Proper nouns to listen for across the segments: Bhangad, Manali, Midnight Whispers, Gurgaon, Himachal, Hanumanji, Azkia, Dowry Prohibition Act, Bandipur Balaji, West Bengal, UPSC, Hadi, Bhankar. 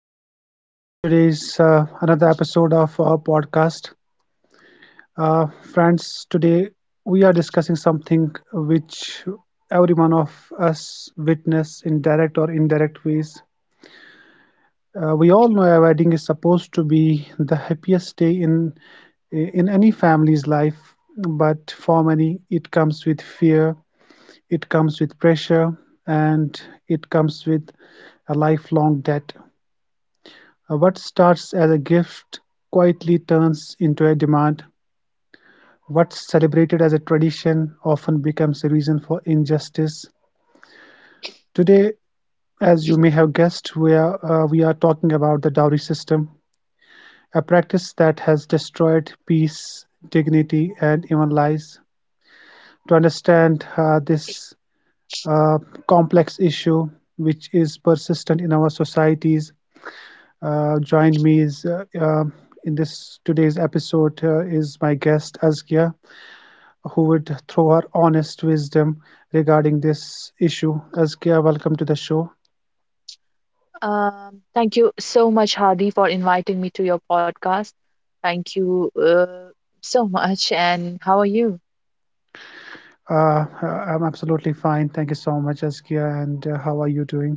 hello and welcome to today's another episode of our podcast. Uh, friends, today we are discussing something which every one of us witness in direct or indirect ways. We all know a wedding is supposed to be the happiest day in any family's life, but for many it comes with fear, it comes with pressure, and it comes with a lifelong debt. What starts as a gift quietly turns into a demand. What's celebrated as a tradition often becomes a reason for injustice. Today, as you may have guessed, we are talking about the dowry system, a practice that has destroyed peace, dignity, and even lives. To understand this uh, complex issue, which is persistent in our societies, joined me is in this today's episode is my guest Azkia, who would throw her honest wisdom regarding this issue. Azkia, welcome to the show. Thank you so much, Hadi, for inviting me to your podcast. Thank you so much. And how are you? Uh, uh, I'm absolutely fine. Thank you so much, Azkia. And how are you doing?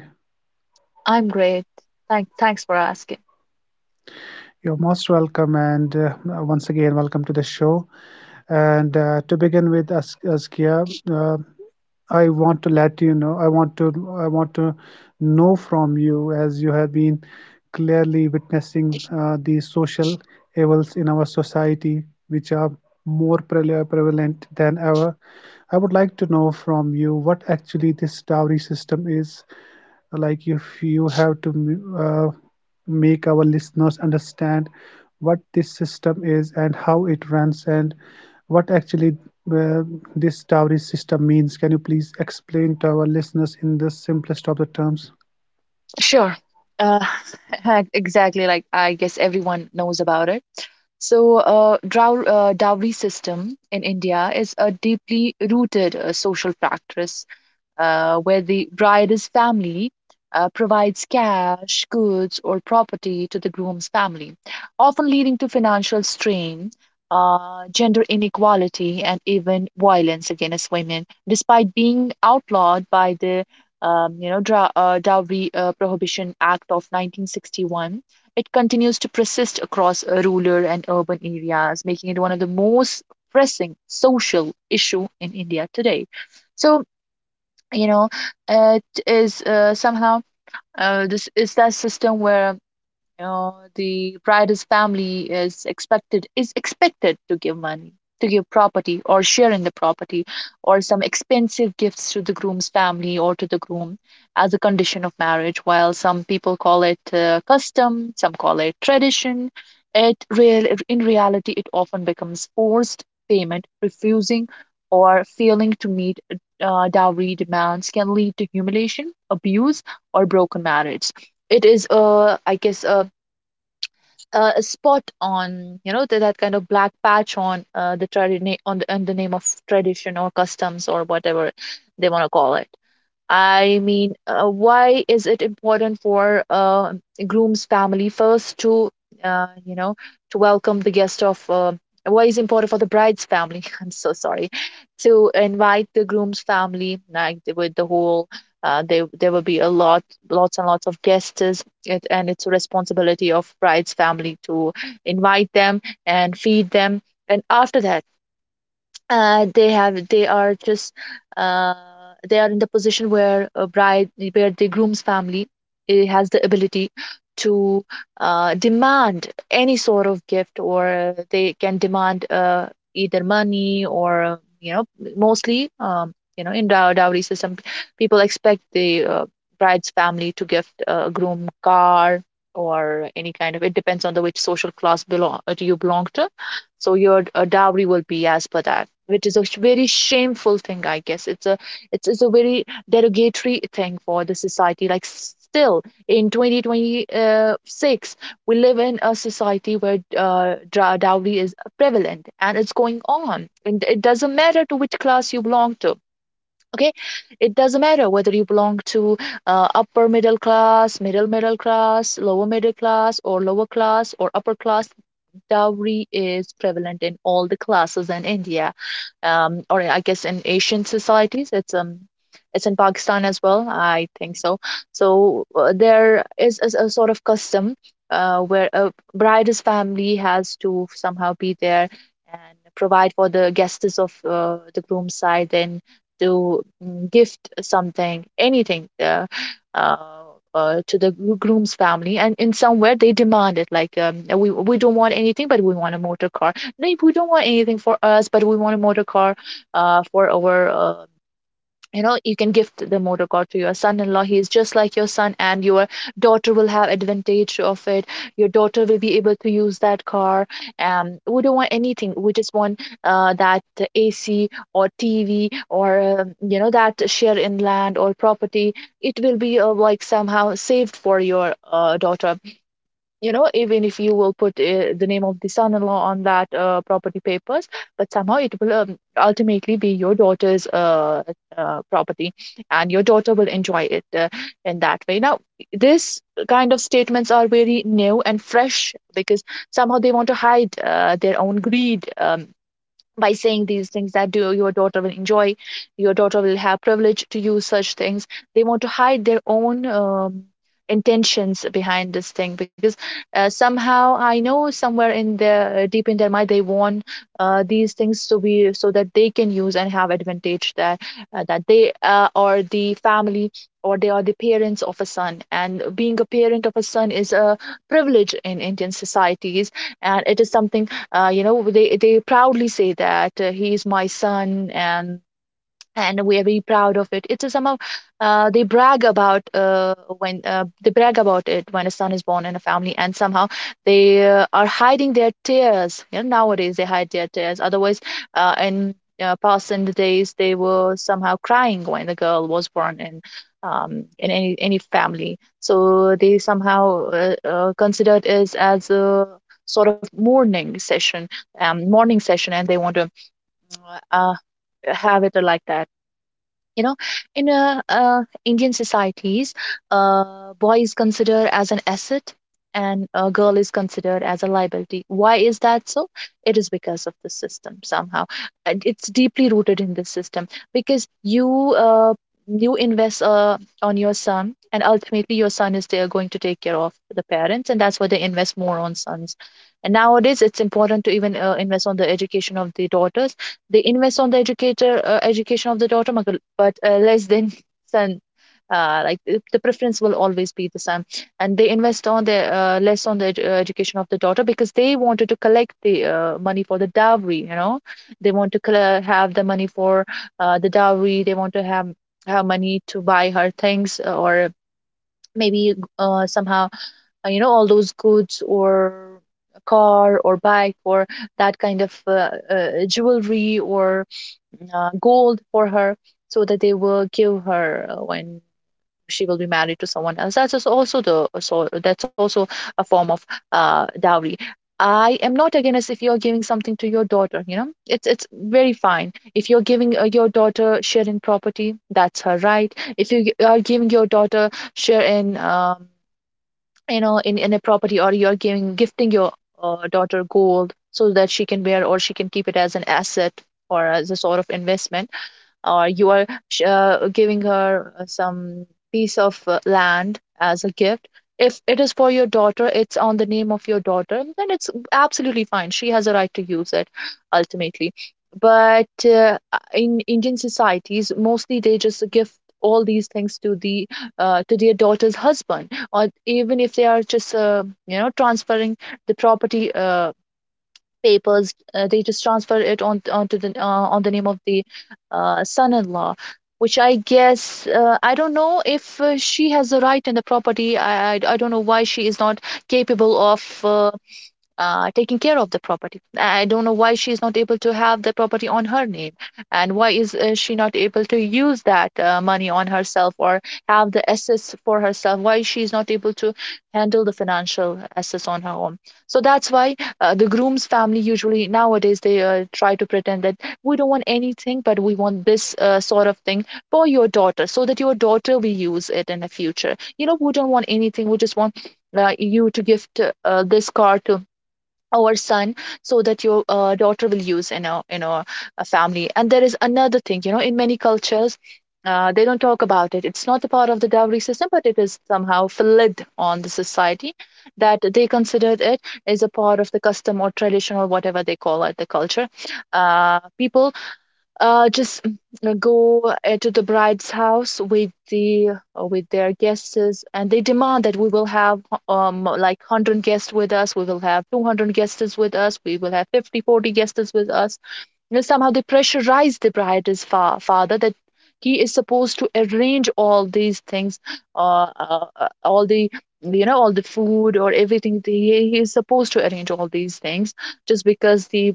I'm great. Thanks for asking. You're most welcome. And once again, welcome to the show. And to begin with, Azkia, I want to let you know. I want to know from you as you have been clearly witnessing these social evils in our society, which are more prevalent than ever. I would like to know from you what actually this dowry system is like if you have to uh, make our listeners understand what this system is and how it runs and what actually uh, this dowry system means. Can you please explain to our listeners in the simplest of the terms? Sure. Uh, exactly. Like I guess everyone knows about it. So, dowry system in India is a deeply rooted social practice, where the bride's family provides cash, goods, or property to the groom's family, often leading to financial strain, gender inequality, and even violence against women, despite being outlawed by the Dowry Prohibition Act of 1961. It continues to persist across rural and urban areas, making it one of the most pressing social issue in India today. So, you know, it is somehow, this is that system where, know, the bride's family is expected to give money, to give property or share in the property, or some expensive gifts to the groom's family or to the groom as a condition of marriage. While some people call it custom, some call it tradition, It real in reality it often becomes forced payment. Refusing or failing to meet dowry demands can lead to humiliation, abuse, or broken marriage. It is a, I guess, a spot on, you know, that, that kind of black patch on the tradition, on the name of tradition or customs or whatever they want to call it. I mean, why is it important for groom's family first to, you know, to welcome the guest of, why is it important for the bride's family? I'm so sorry, to invite the groom's family, like the- with the whole, there will be a lot, lots and lots of guests, is it, and it's a responsibility of bride's family to invite them and feed them. And after that, they are just uh, they are in the position where a bride, where the groom's family, has the ability to demand any sort of gift, or they can demand either money or, you know, mostly you know, in dowry system people expect the bride's family to gift a groom car or any kind of. It depends on the which social class belong, do you belong to, so your dowry will be as per that, which is a very shameful thing, I guess. It's a, it's a very derogatory thing for the society. Like still in 2026 we live in a society where dowry is prevalent and it's going on, and it doesn't matter to which class you belong to. Okay, it doesn't matter whether you belong to upper middle class, middle class, lower middle class, or lower class, or upper class. Dowry is prevalent in all the classes in India, or I guess in Asian societies. It's in Pakistan as well, I think so. So there is a sort of custom where a bride's family has to somehow be there and provide for the guests of, the groom's side, then to gift something, anything, uh, to the groom's family. And in somewhere they demand it, like, we don't want anything, but we want a motor car. No, we don't want anything for us, but we want a motor car for our, uh, you know, you can gift the motor car to your son-in-law. He is just like your son, and your daughter will have advantage of it. Your daughter will be able to use that car. Um, we don't want anything, we just want that AC or TV or, you know, that share in land or property. It will be like somehow saved for your daughter. You know, even if you will put the name of the son-in-law on that property papers, but somehow it will ultimately be your daughter's property, and your daughter will enjoy it in that way. Now this kind of statements are very new and fresh, because somehow they want to hide their own greed, by saying these things that, do, your daughter will enjoy, your daughter will have privilege to use such things. They want to hide their own intentions behind this thing, because somehow I know somewhere in their deep in their mind they want these things to be, so that they can use and have advantage that they are the family, or they are the parents of a son. And being a parent of a son is a privilege in Indian societies, and it is something you know, they proudly say that he is my son, and we are very proud of it. It's a somehow they brag about it when a son is born in a family, and somehow they are hiding their tears. You know, nowadays they hide their tears. Otherwise, in past in the days, they were somehow crying when the girl was born in, in any family. So they somehow considered it as a sort of mourning session, morning session, and they want to uh, have it like that, you know. In Indian societies, boy is considered as an asset and a girl is considered as a liability. Why is that so? It is because of the system somehow. And it's deeply rooted in the system, because you uh, you invest on your son, and ultimately your son is there going to take care of the parents, and that's why they invest more on sons. And nowadays it's important to even invest on the education of the daughters. They invest on the educator education of the daughter, but less than son. Like the preference will always be the same, and they invest on the less on the education of the daughter, because they wanted to collect the money for the dowry. You know, they want to have the money for the dowry. They want to have money to buy her things or maybe somehow you know, all those goods, or a car or bike, or that kind of jewelry or gold for her, so that they will give her when she will be married to someone else. That's just also the, that's also a form of dowry. I am not against, if you're giving something to your daughter, you know, it's very fine. If you're giving your daughter share in property, that's her right. If you are giving your daughter share in, you know, in a property, or you're giving, gifting your daughter gold so that she can wear or she can keep it as an asset, or as a sort of investment, or you are giving her some piece of land as a gift, if it is for your daughter, it's on the name of your daughter, then it's absolutely fine. She has a right to use it ultimately. But in Indian societies, mostly they just give all these things to the, to their daughter's husband. Or even if they are just you know, transferring the property papers, they just transfer it on onto the on the name of the son-in-law, which I guess, I don't know if she has the right in the property. I I don't know why she is not capable of taking care of the property. I don't know why she is not able to have the property on her name, and why is she not able to use that money on herself, or have the assets for herself. Why she is not able to handle the financial assets on her own. So that's why the groom's family usually nowadays they try to pretend that, we don't want anything, but we want this sort of thing for your daughter, so that your daughter will use it in the future. You know, we don't want anything. We just want you to gift this car to or son so that your daughter will use in a family. And there is another thing, you know, in many cultures they don't talk about it. It's not a part of the dowry system, but it is somehow fled on the society that they considered it as a part of the custom or tradition or whatever they call it, the culture. People uh, just mm, go to the bride's house with the with their guests, and they demand that we will have, like, 100 guests with us, we will have 200 guests with us, we will have 50 40 guests with us. You know, somehow they pressurize the bride's father that he is supposed to arrange all these things, all the, all the food or everything. He is supposed to arrange all these things just because the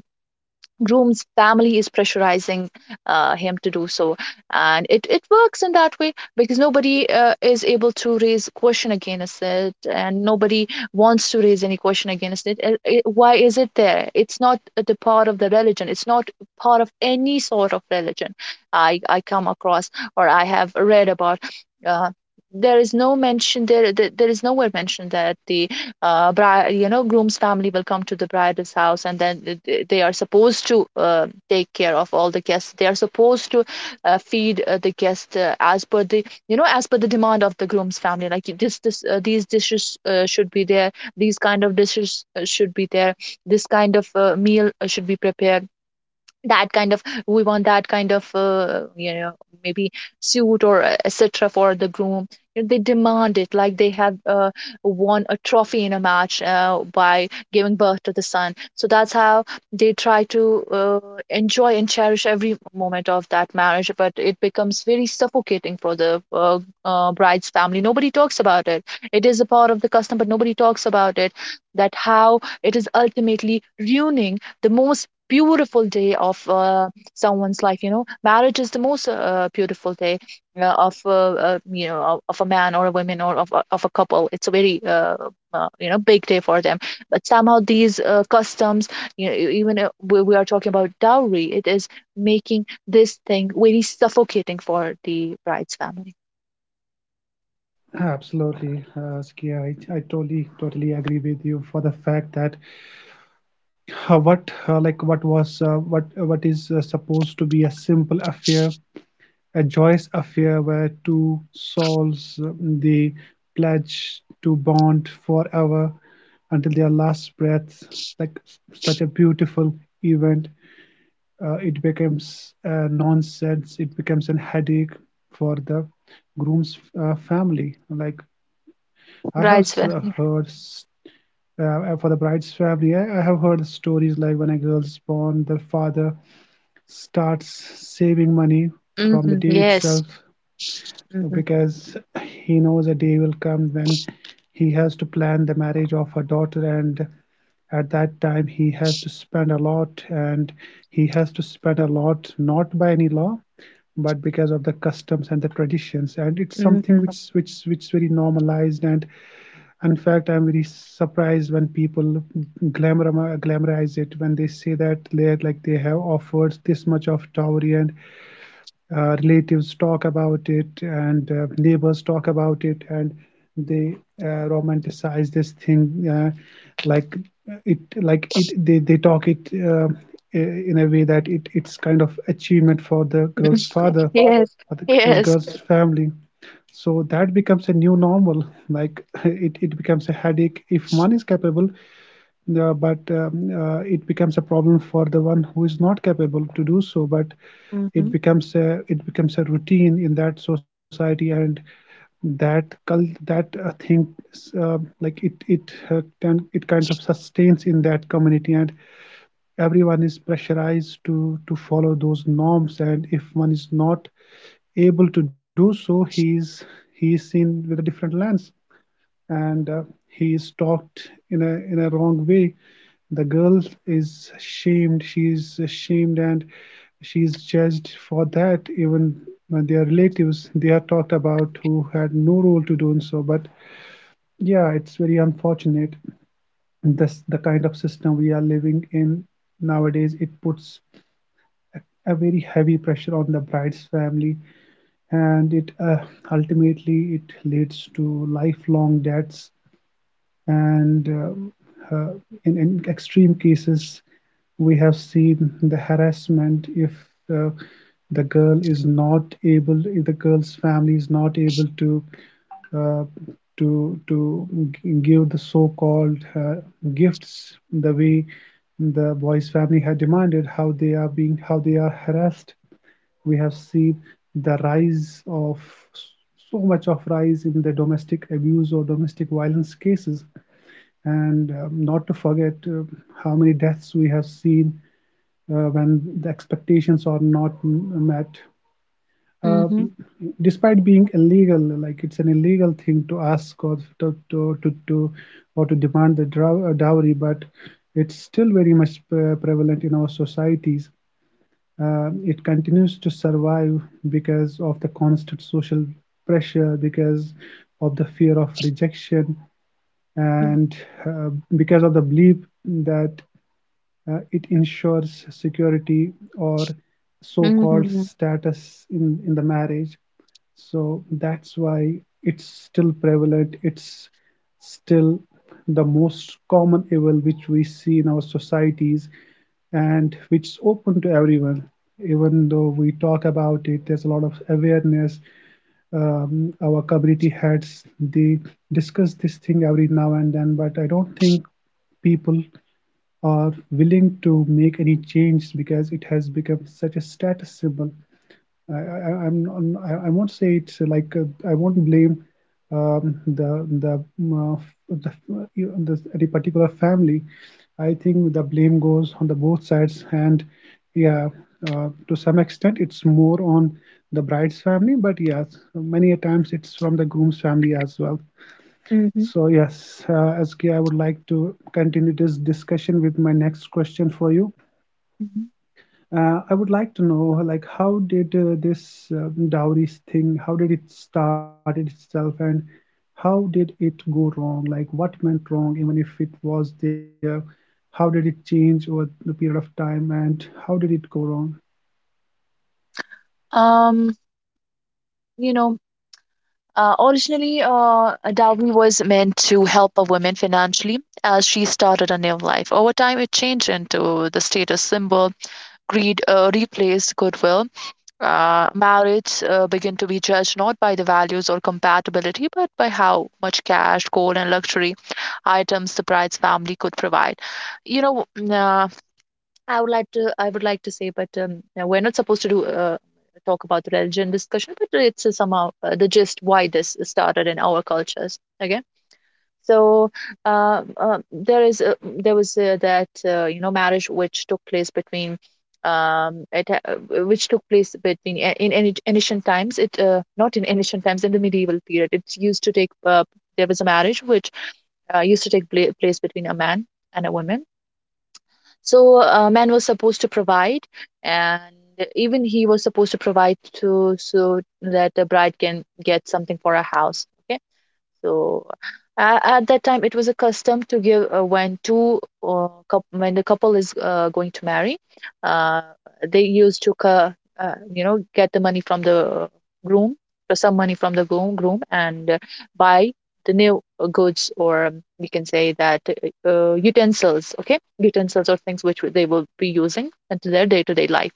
groom's family is pressurizing him to do so. And it works in that way because nobody is able to raise question against it, and nobody wants to raise any question against it. Why is it there? It's not the part of the religion, it's not part of any sort of religion I come across or I have read about. uh, there is no mention there is nowhere mentioned that the bride, groom's family will come to the bride's house, and then they are supposed to take care of all the guests. They are supposed to feed the guest as per the, as per the demand of the groom's family. These dishes should be there. These kind of dishes should be there. This kind of meal should be prepared. That kind of maybe suit or etc for the groom. You know, they demand it like they have won a trophy in a match by giving birth to the son, so that's how they try to uh, enjoy and cherish every moment of that marriage. But it becomes very suffocating for the bride's family. Nobody talks about it. It is a part of the custom, but nobody talks about it, that how it is ultimately ruining the most beautiful day of someone's life. You know, marriage is the most beautiful day of of, a man or a woman, or of a couple. It's a very big day for them, but somehow these customs, you know, even we are talking about dowry, it is making this thing very suffocating for the bride's family. Absolutely, Skia. I totally totally agree with you for the fact that what like what was what is supposed to be a simple affair, a joyous affair where two souls they pledge to bond forever until their last breath. Like such a beautiful event, it becomes nonsense. It becomes a headache for the groom's family. Like I have Brides family. heard for the bride's family, I have heard stories like when a girl is born, the father starts saving money from the day Mm-hmm. itself Yes. Mm-hmm. because he knows a day will come when he has to plan the marriage of her daughter, and at that time he has to spend a lot, and he has to spend a lot not by any law but because of the customs and the traditions, and it's something Mm-hmm. which which very normalized. And in fact, I'm very surprised when people glamour glamorize it, when they say that they're like they have offered this much of dowry, and relatives talk about it, and neighbors talk about it, and they romanticize this thing, like like they talk it in a way that it's kind of achievement for the girl's father, Yes. or the, or Yes. girl's family. So that becomes a new normal. Like it becomes a headache if one is capable, yeah, but it becomes a problem for the one who is not capable to do so. But it Mm-hmm. becomes a, it becomes a routine in that society, and that cult, that thing, uh, it kind of sustains in that community, and everyone is pressurized to follow those norms. And if one is not able to do so, he's seen with a different lens, and he is talked in a wrong way. The girl is shamed. She is shamed, and she is judged for that, even when their relatives they are talked about, who had no role to do in so. But yeah, it's very unfortunate, this the kind of system we are living in nowadays. It puts a very heavy pressure on the bride's family, and it ultimately it leads to lifelong debts, and uh, uh, in extreme cases we have seen the harassment if uh, the girl's family is not able to uh, to to give the so-called gifts the way the boy's family had demanded, how they are being, how they are harassed. We have seen the rise of so much of rise in the domestic abuse or domestic violence cases. And not to forget how many deaths we have seen when the expectations are not met. Uh, Mm-hmm. despite being illegal, like it's an illegal thing to ask or to demand the dowry, but it's still very much prevalent in our societies. It continues to survive because of the constant social pressure, because of the fear of rejection, and uh, because of the belief that it ensures security or Mm-hmm. so-called Mm-hmm. status in the marriage. So that's why it's still prevalent. It's still the most common evil which we see in our societies, and which is open to everyone. Even though we talk about it, there's a lot of awareness. Our community heads, they discuss this thing every now and then, but I don't think people are willing to make any change because it has become such a status symbol. I, I'm, I won't say it's like I won't blame um, the the um, uh, the the any particular family. I think the blame goes on the both sides, and yeah, to some extent it's more on the bride's family, but yes, many a times it's from the groom's family as well. Mm-hmm. So yes, SK, would like to continue this discussion with my next question for you. Mhm. I would like to know, like, how did this dowries thing, how did it start itself, and how did it go wrong? Like, what went wrong, even if it was there? How did it change over the period of time, and how did it go wrong? Um, you know, originally, a dowry was meant to help a woman financially as she started a new life. Over time, it changed into the status symbol. Greed replaced goodwill. Marriage began to be judged not by the values or compatibility, but by how much cash, gold, and luxury items the bride's family could provide. You know, mm, uh. I would like to say, but now we're not supposed to do talk about the religion discussion, but it's somehow the gist why this started in our cultures. Okay, so there was that you know marriage which took place between it, which took place between in any ancient times, it not in ancient times, in the medieval period. It used to take there was a marriage which used to take place between a man and a woman. So man was supposed to provide, and even he was supposed to provide to, so that the bride can get something for a house. So at that time, it was a custom to give when the couple is going to marry, uh, they used to get the money from the groom, some money from the groom, and buy the new goods, or we can say that utensils. Okay, utensils or things which they will be using into their day-to-day life.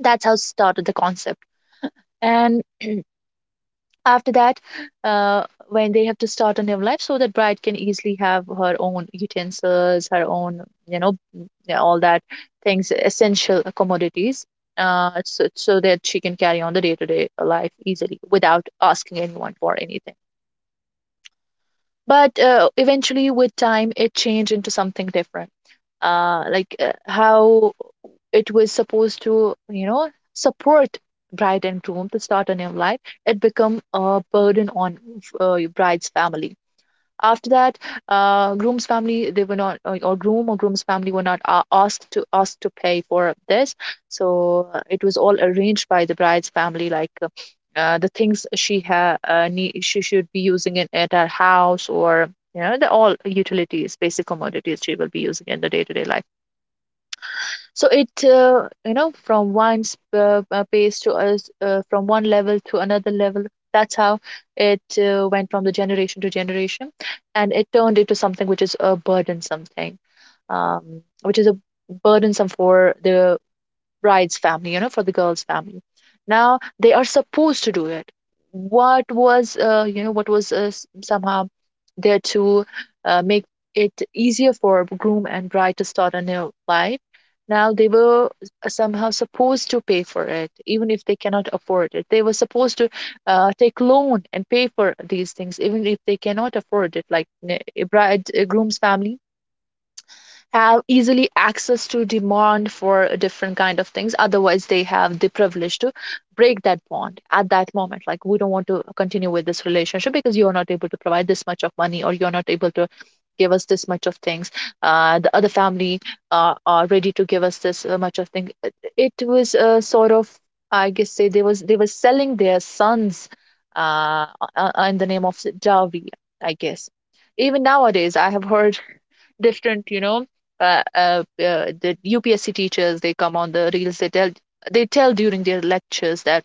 That's how started the concept. And after that when they have to start a new life, so that bride can easily have her own utensils, her own, yeah, all that things, essential commodities, so that she can carry on the day-to-day life easily without asking anyone for anything. But eventually with time it changed into something different. Like how it was supposed to support bride and groom to start a new life, it become a burden on bride's family. After that, groom's family, they were not, or groom or groom's family were not asked to pay for this. So it was all arranged by the bride's family. The things she ha need, she should be using it at her house, or the all utilities, basic commodities she will be using in the day-to-day life. So from one from one level to another level. That's how it went from the generation to generation, and it turned into something which is a burdensome thing, which is a burdensome for the bride's family, for the girl's family. Now they are supposed to do it. What was somehow there to make it easier for groom and bride to start a new life? Now they were somehow supposed to pay for it, even if they cannot afford it. They were supposed to take loan and pay for these things, even if they cannot afford it. Like, a groom's family have easily access to demand for different kind of things. Otherwise they have the privilege to break that bond at that moment, like, we don't want to continue with this relationship because you're not able to provide this much of money, or you're not able to give us this much of things, the other family are ready to give us this much of thing. It was a sort of, I guess, say, they were selling their sons uh, uh, in the name of dowry, I guess. Even nowadays I have heard different, the UPSC teachers, they come on the reels, they tell, during their lectures that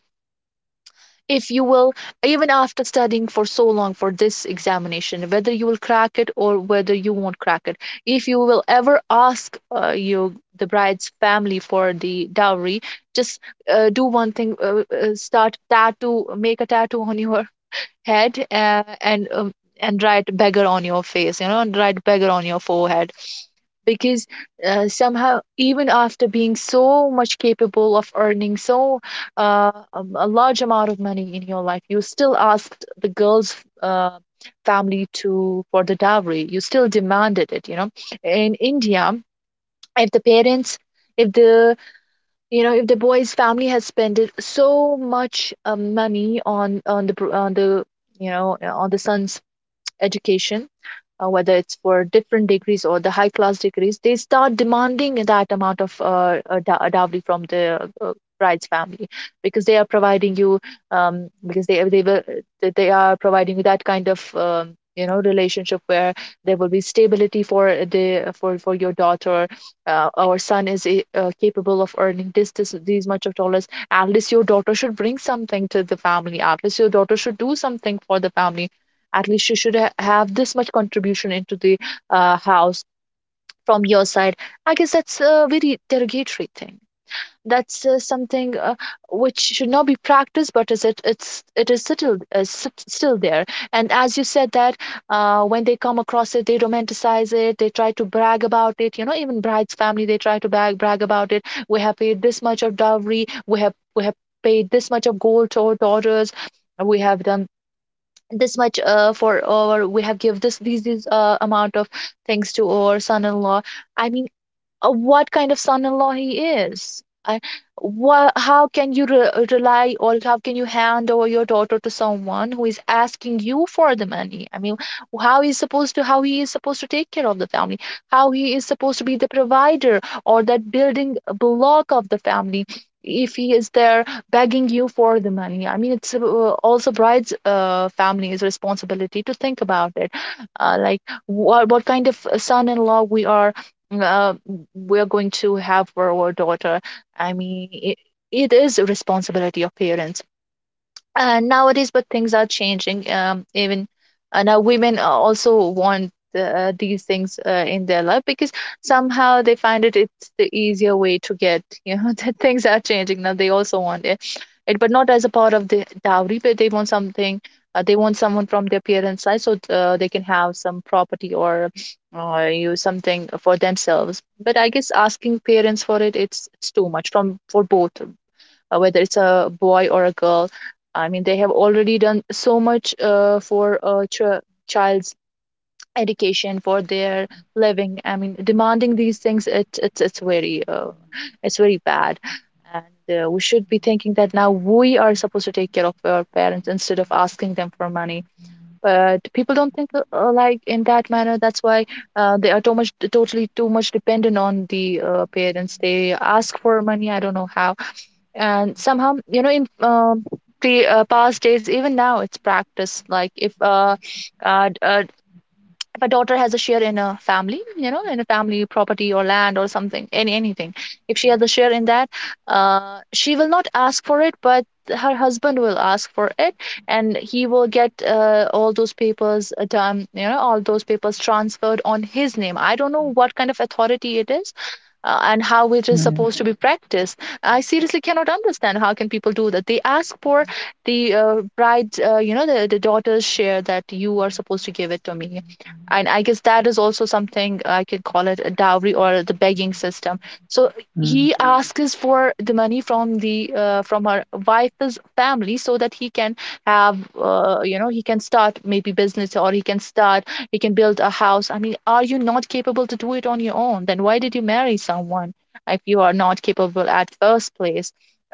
if you will, even after studying for so long for this examination, whether you will crack it or whether you won't crack it, if you will ever ask you the bride's family for the dowry, just do one thing, start tattoo make a tattoo on your head and, write beggar on your face, you know, and write beggar on your forehead. Because somehow, even after being so much capable of earning so a large amount of money in your life, you still asked the girl's uh, family to, for the dowry, you still demanded it. In india, if the parents, if the boy's family has spent so much money on the, son's education, whether it's for different degrees or the high class degrees, they start demanding that amount of dowry from the bride's family, because they are providing you, because they will they are providing you that kind of relationship where there will be stability for the, for your daughter. Our son is capable of earning this, this these much of dollars. At least your daughter should bring something to the family, at least your daughter should do something for the family, at least you should have this much contribution into the house from your side. I guess that's a very derogatory thing. That's something which should not be practiced, but is it it's it is still still there. And as you said that when they come across it, they romanticize it, they try to brag about it, even bride's family, they try to brag about it. We have paid this much of dowry, we have paid this much of gold to our daughters, we have done this much for, or we have give this these amount of things to our son-in-law. I mean, what kind of son-in-law he is? Wha How can you rely, or how can you hand over your daughter to someone who is asking you for the money? I mean, how he's supposed to how he is supposed to take care of the family, how he is supposed to be the provider or that building block of the family, if he is there begging you for the money? I mean, it's Also, bride's family's responsibility to think about it. Like, what kind of son-in-law we are uh, we're going to have for our daughter. I mean, it is a responsibility of parents nowadays, but things are changing. Even now women also want these things in their life, because somehow they find it's the easier way to get, you know, that things are changing now. They also want it, but not as a part of the dowry. But they want something, they want someone from their parents' side so they can have some property or you something for themselves. But I guess asking parents for it's too much from for both, whether it's a boy or a girl. I mean, they have already done so much for a child's education, for their living. I mean, demanding these things, it's very bad. And we should be thinking that now we are supposed to take care of our parents instead of asking them for money. But people don't think, like, in that manner. That's why they are too much, totally too much dependent on the parents. They ask for money. I don't know how. And somehow, you know, in pre past days, even now it's practice, like if uh, d- uh if a daughter has a share in a family, you know, in a family property or land or something, anything, if she has a share in that, she will not ask for it, but her husband will ask for it. And he will get all those papers done, you know, all those papers transferred on his name. I don't know what kind of authority it is and how it Mm, is supposed to be practiced. I seriously cannot understand how can people do that. They ask for the bride, you know, the daughter's share, that you are supposed to give it to me. And I guess that is also something I can call it a dowry or the begging system. So mm, he asks for the money from the from her wife's family so that he can have you know, he can start maybe business, or he can start, you can build a house. I mean, are you not capable to do it on your own? Then why did you marry someone if you are not capable at first place?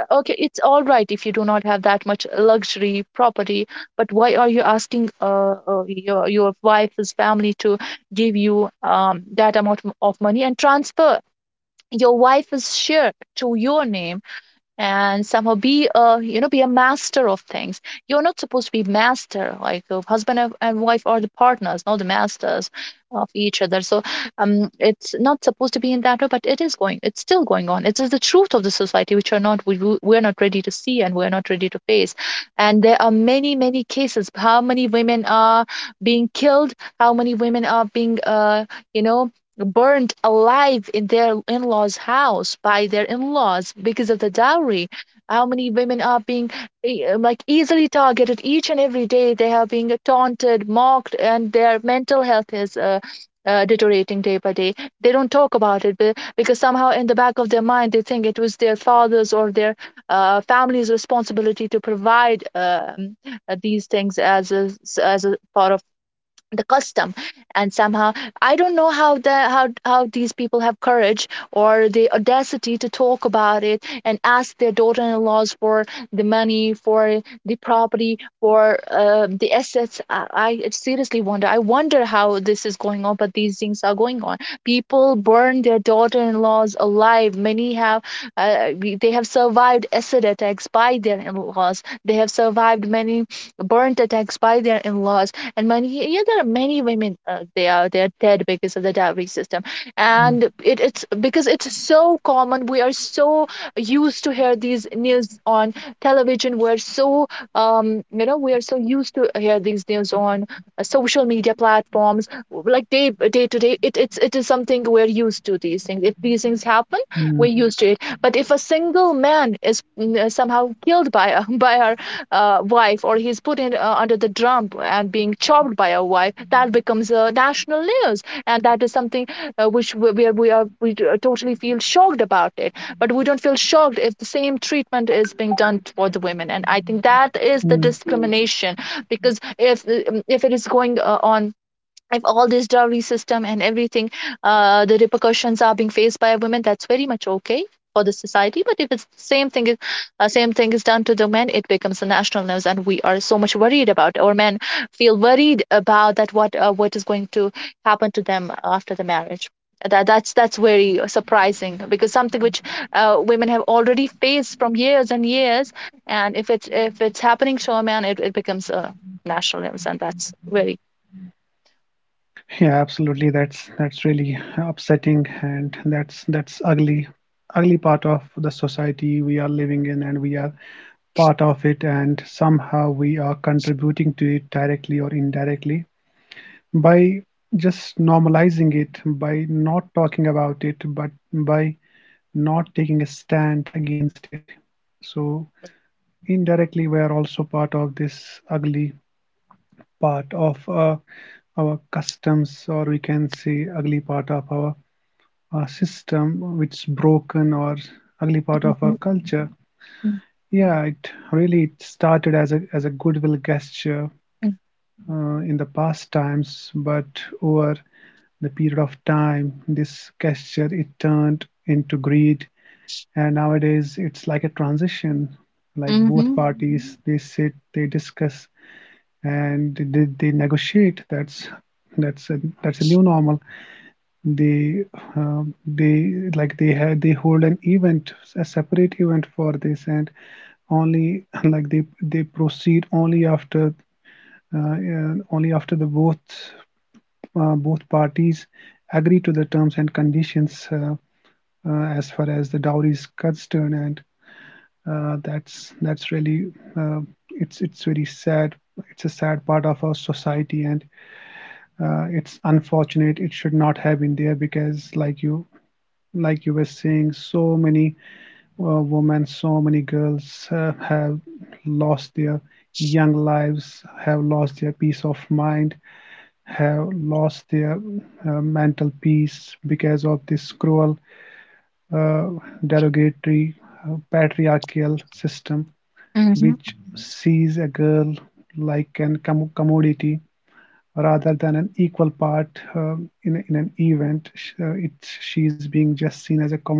Okay, it's all right if you do not have that much luxury property, but why are you asking your wife's family to give you that amount of money and transfer your wife's share to your name? And somehow be a, you know, be a master of things. You're not supposed to be master. Like, husband and wife are the partners, not the masters of each other. So it's not supposed to be in that way, but it is going, it's still going on. It is the truth of the society, which are not we're not ready to see, and we're not ready to face. And there are many, many cases. How many women are being killed? How many women are being you know, burned alive in their in-laws' house by their in-laws because of the dowry? How many women are being like, easily targeted each and every day? They are being taunted, mocked, and their mental health is deteriorating day by day. They don't talk about it because somehow, in the back of their mind, they think it was their father's or their family's responsibility to provide these things as as a part of the custom. And somehow, I don't know how these people have courage or the audacity to talk about it and ask their daughter-in-laws for the money, for the property, for the assets. I seriously wonder. I wonder how this is going on, but these things are going on. People burn their daughter-in-laws alive. Many have they have survived acid attacks by their in-laws. They have survived many burnt attacks by their in-laws. And many, yeah, there are many women, they are, they're dead because of the dowry system. mm, And it, it's because it's so common. We are so used to hear these news on television. We're so you know, we are so used to hear these news on social media platforms, like, day to day. It is something we're used to, these things, if these things happen, mm, we're used to it. But if a single man is somehow killed by a by our wife, or he's put in under the drum and being chopped by a wife, that becomes national news, and that is something which we- where we are we totally feel shocked about it. But we don't feel shocked if the same treatment is being done for the women. And I think that mm. is the discrimination. Because if it is going on, if all this dowry system and everything, the repercussions are being faced by women, that's very much okay for the society. But if it's same thing is done to the men, it becomes a national news, and we are so much worried about, or men feel worried about, that what is going to happen to them after the marriage. That's very surprising, because something which women have already faced from years and years, and if it's happening to a man, it becomes a national news, and that's very. Yeah, absolutely. That's really upsetting, and that's ugly, ugly part of the society we are living in, and we are part of it, and somehow we are contributing to it directly or indirectly by just normalizing it, by not talking about it, but by not taking a stand against it. So, indirectly, we are also part of this ugly part of our customs, or we can say, ugly part of our system, which is broken, or ugly part of our Mhm. culture. Yeah, it really started as a goodwill gesture Mm. In the past times, but over the period of time, this gesture it turned into greed, and nowadays it's like a transition. Like both Mhm, parties, they sit, they discuss, and they negotiate. That's a new normal. They they like they have they hold an event, a separate event for this, and only like they proceed only after only after the both both parties agree to the terms and conditions, as far as the dowry is concerned. And that's really uh, it's very sad. It's a sad part of our society, and it's unfortunate. It should not have been there, because like you, like you were saying, so many women, so many girls have lost their young lives, have lost their peace of mind, have lost their mental peace because of this cruel, uh, derogatory, patriarchal system which mhm, sees a girl like an commodity rather than an equal part in an event. She is being just seen as a commodity,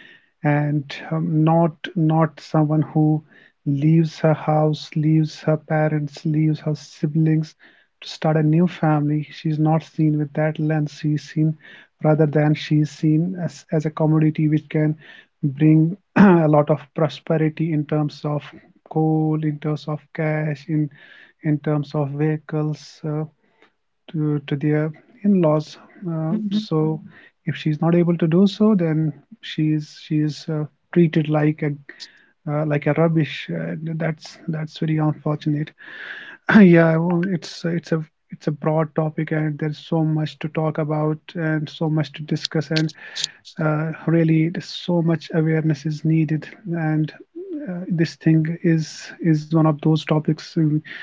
and not not someone who leaves her house, leaves her parents, leaves her siblings to start a new family. She's not seen with that lens. She's seen, rather than she's seen as a commodity which can bring a lot of prosperity in terms of coal, in terms of cash, in terms of vehicles. To their in-laws. So if she's not able to do so, then she is treated like a rubbish. That's that's very unfortunate. Yeah, I won't- it's a broad topic, and there's so much to talk about and so much to discuss, and really, there's so much awareness is needed. And this thing is one of those topics uh,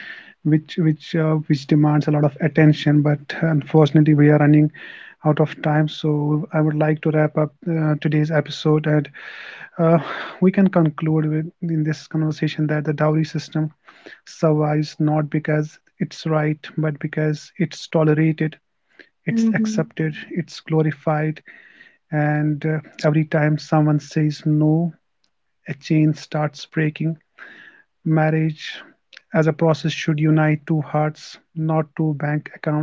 which which uh, which demands a lot of attention. But unfortunately, we are running out of time, so I would like to wrap up today's episode, and uh, we can conclude with in this conversation that the dowry system survives not because it's right, but because it's tolerated, it's accepted, mhm. it's glorified, and every time someone says no, a chain starts breaking. Marriage as a process should unite two hearts, not two bank accounts.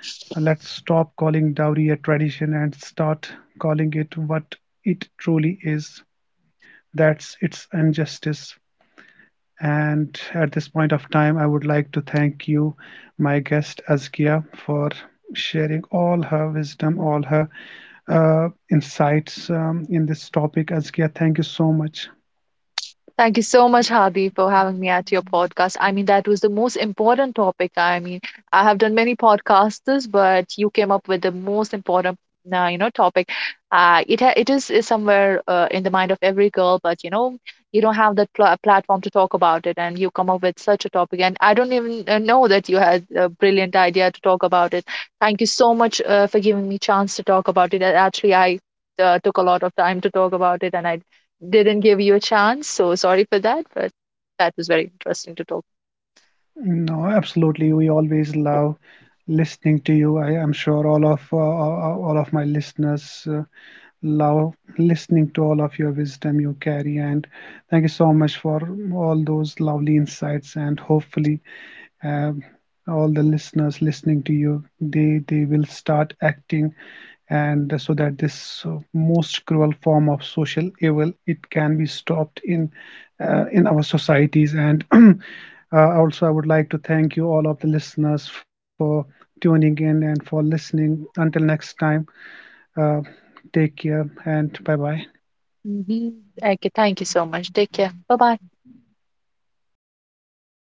Let's stop calling dowry a tradition and start calling it what it truly is. That's its injustice. And at this point of time, I would like to thank you, my guest Azkia, for sharing all her wisdom, all her insights in this topic. Azkia, thank you so much. Thank you so much, Hadi, for having me at your podcast. I mean, that was the most important topic. I mean, I have done many podcasts, but you came up with the most important, you know, topic. It it is somewhere in the mind of every girl, but, you know, you don't have that platform to talk about it, and you come up with such a topic. And I don't even know that you had a brilliant idea to talk about it. Thank you so much for giving me chance to talk about it. Actually, I took a lot of time to talk about it, and I didn't give you a chance. So sorry for that, but that was very interesting to talk. No, absolutely. We always love listening to you. I am sure all of my listeners love listening to all of your wisdom you carry. And thank you so much for all those lovely insights. And hopefully, um, all the listeners listening to you, they will start acting, and so that this most cruel form of social evil it can be stopped in our societies. And also I would like to thank you all of the listeners for tuning in and for listening. Until next time, uh, take care and bye bye. Hmm. Okay, thank you so much. Take care. Bye bye.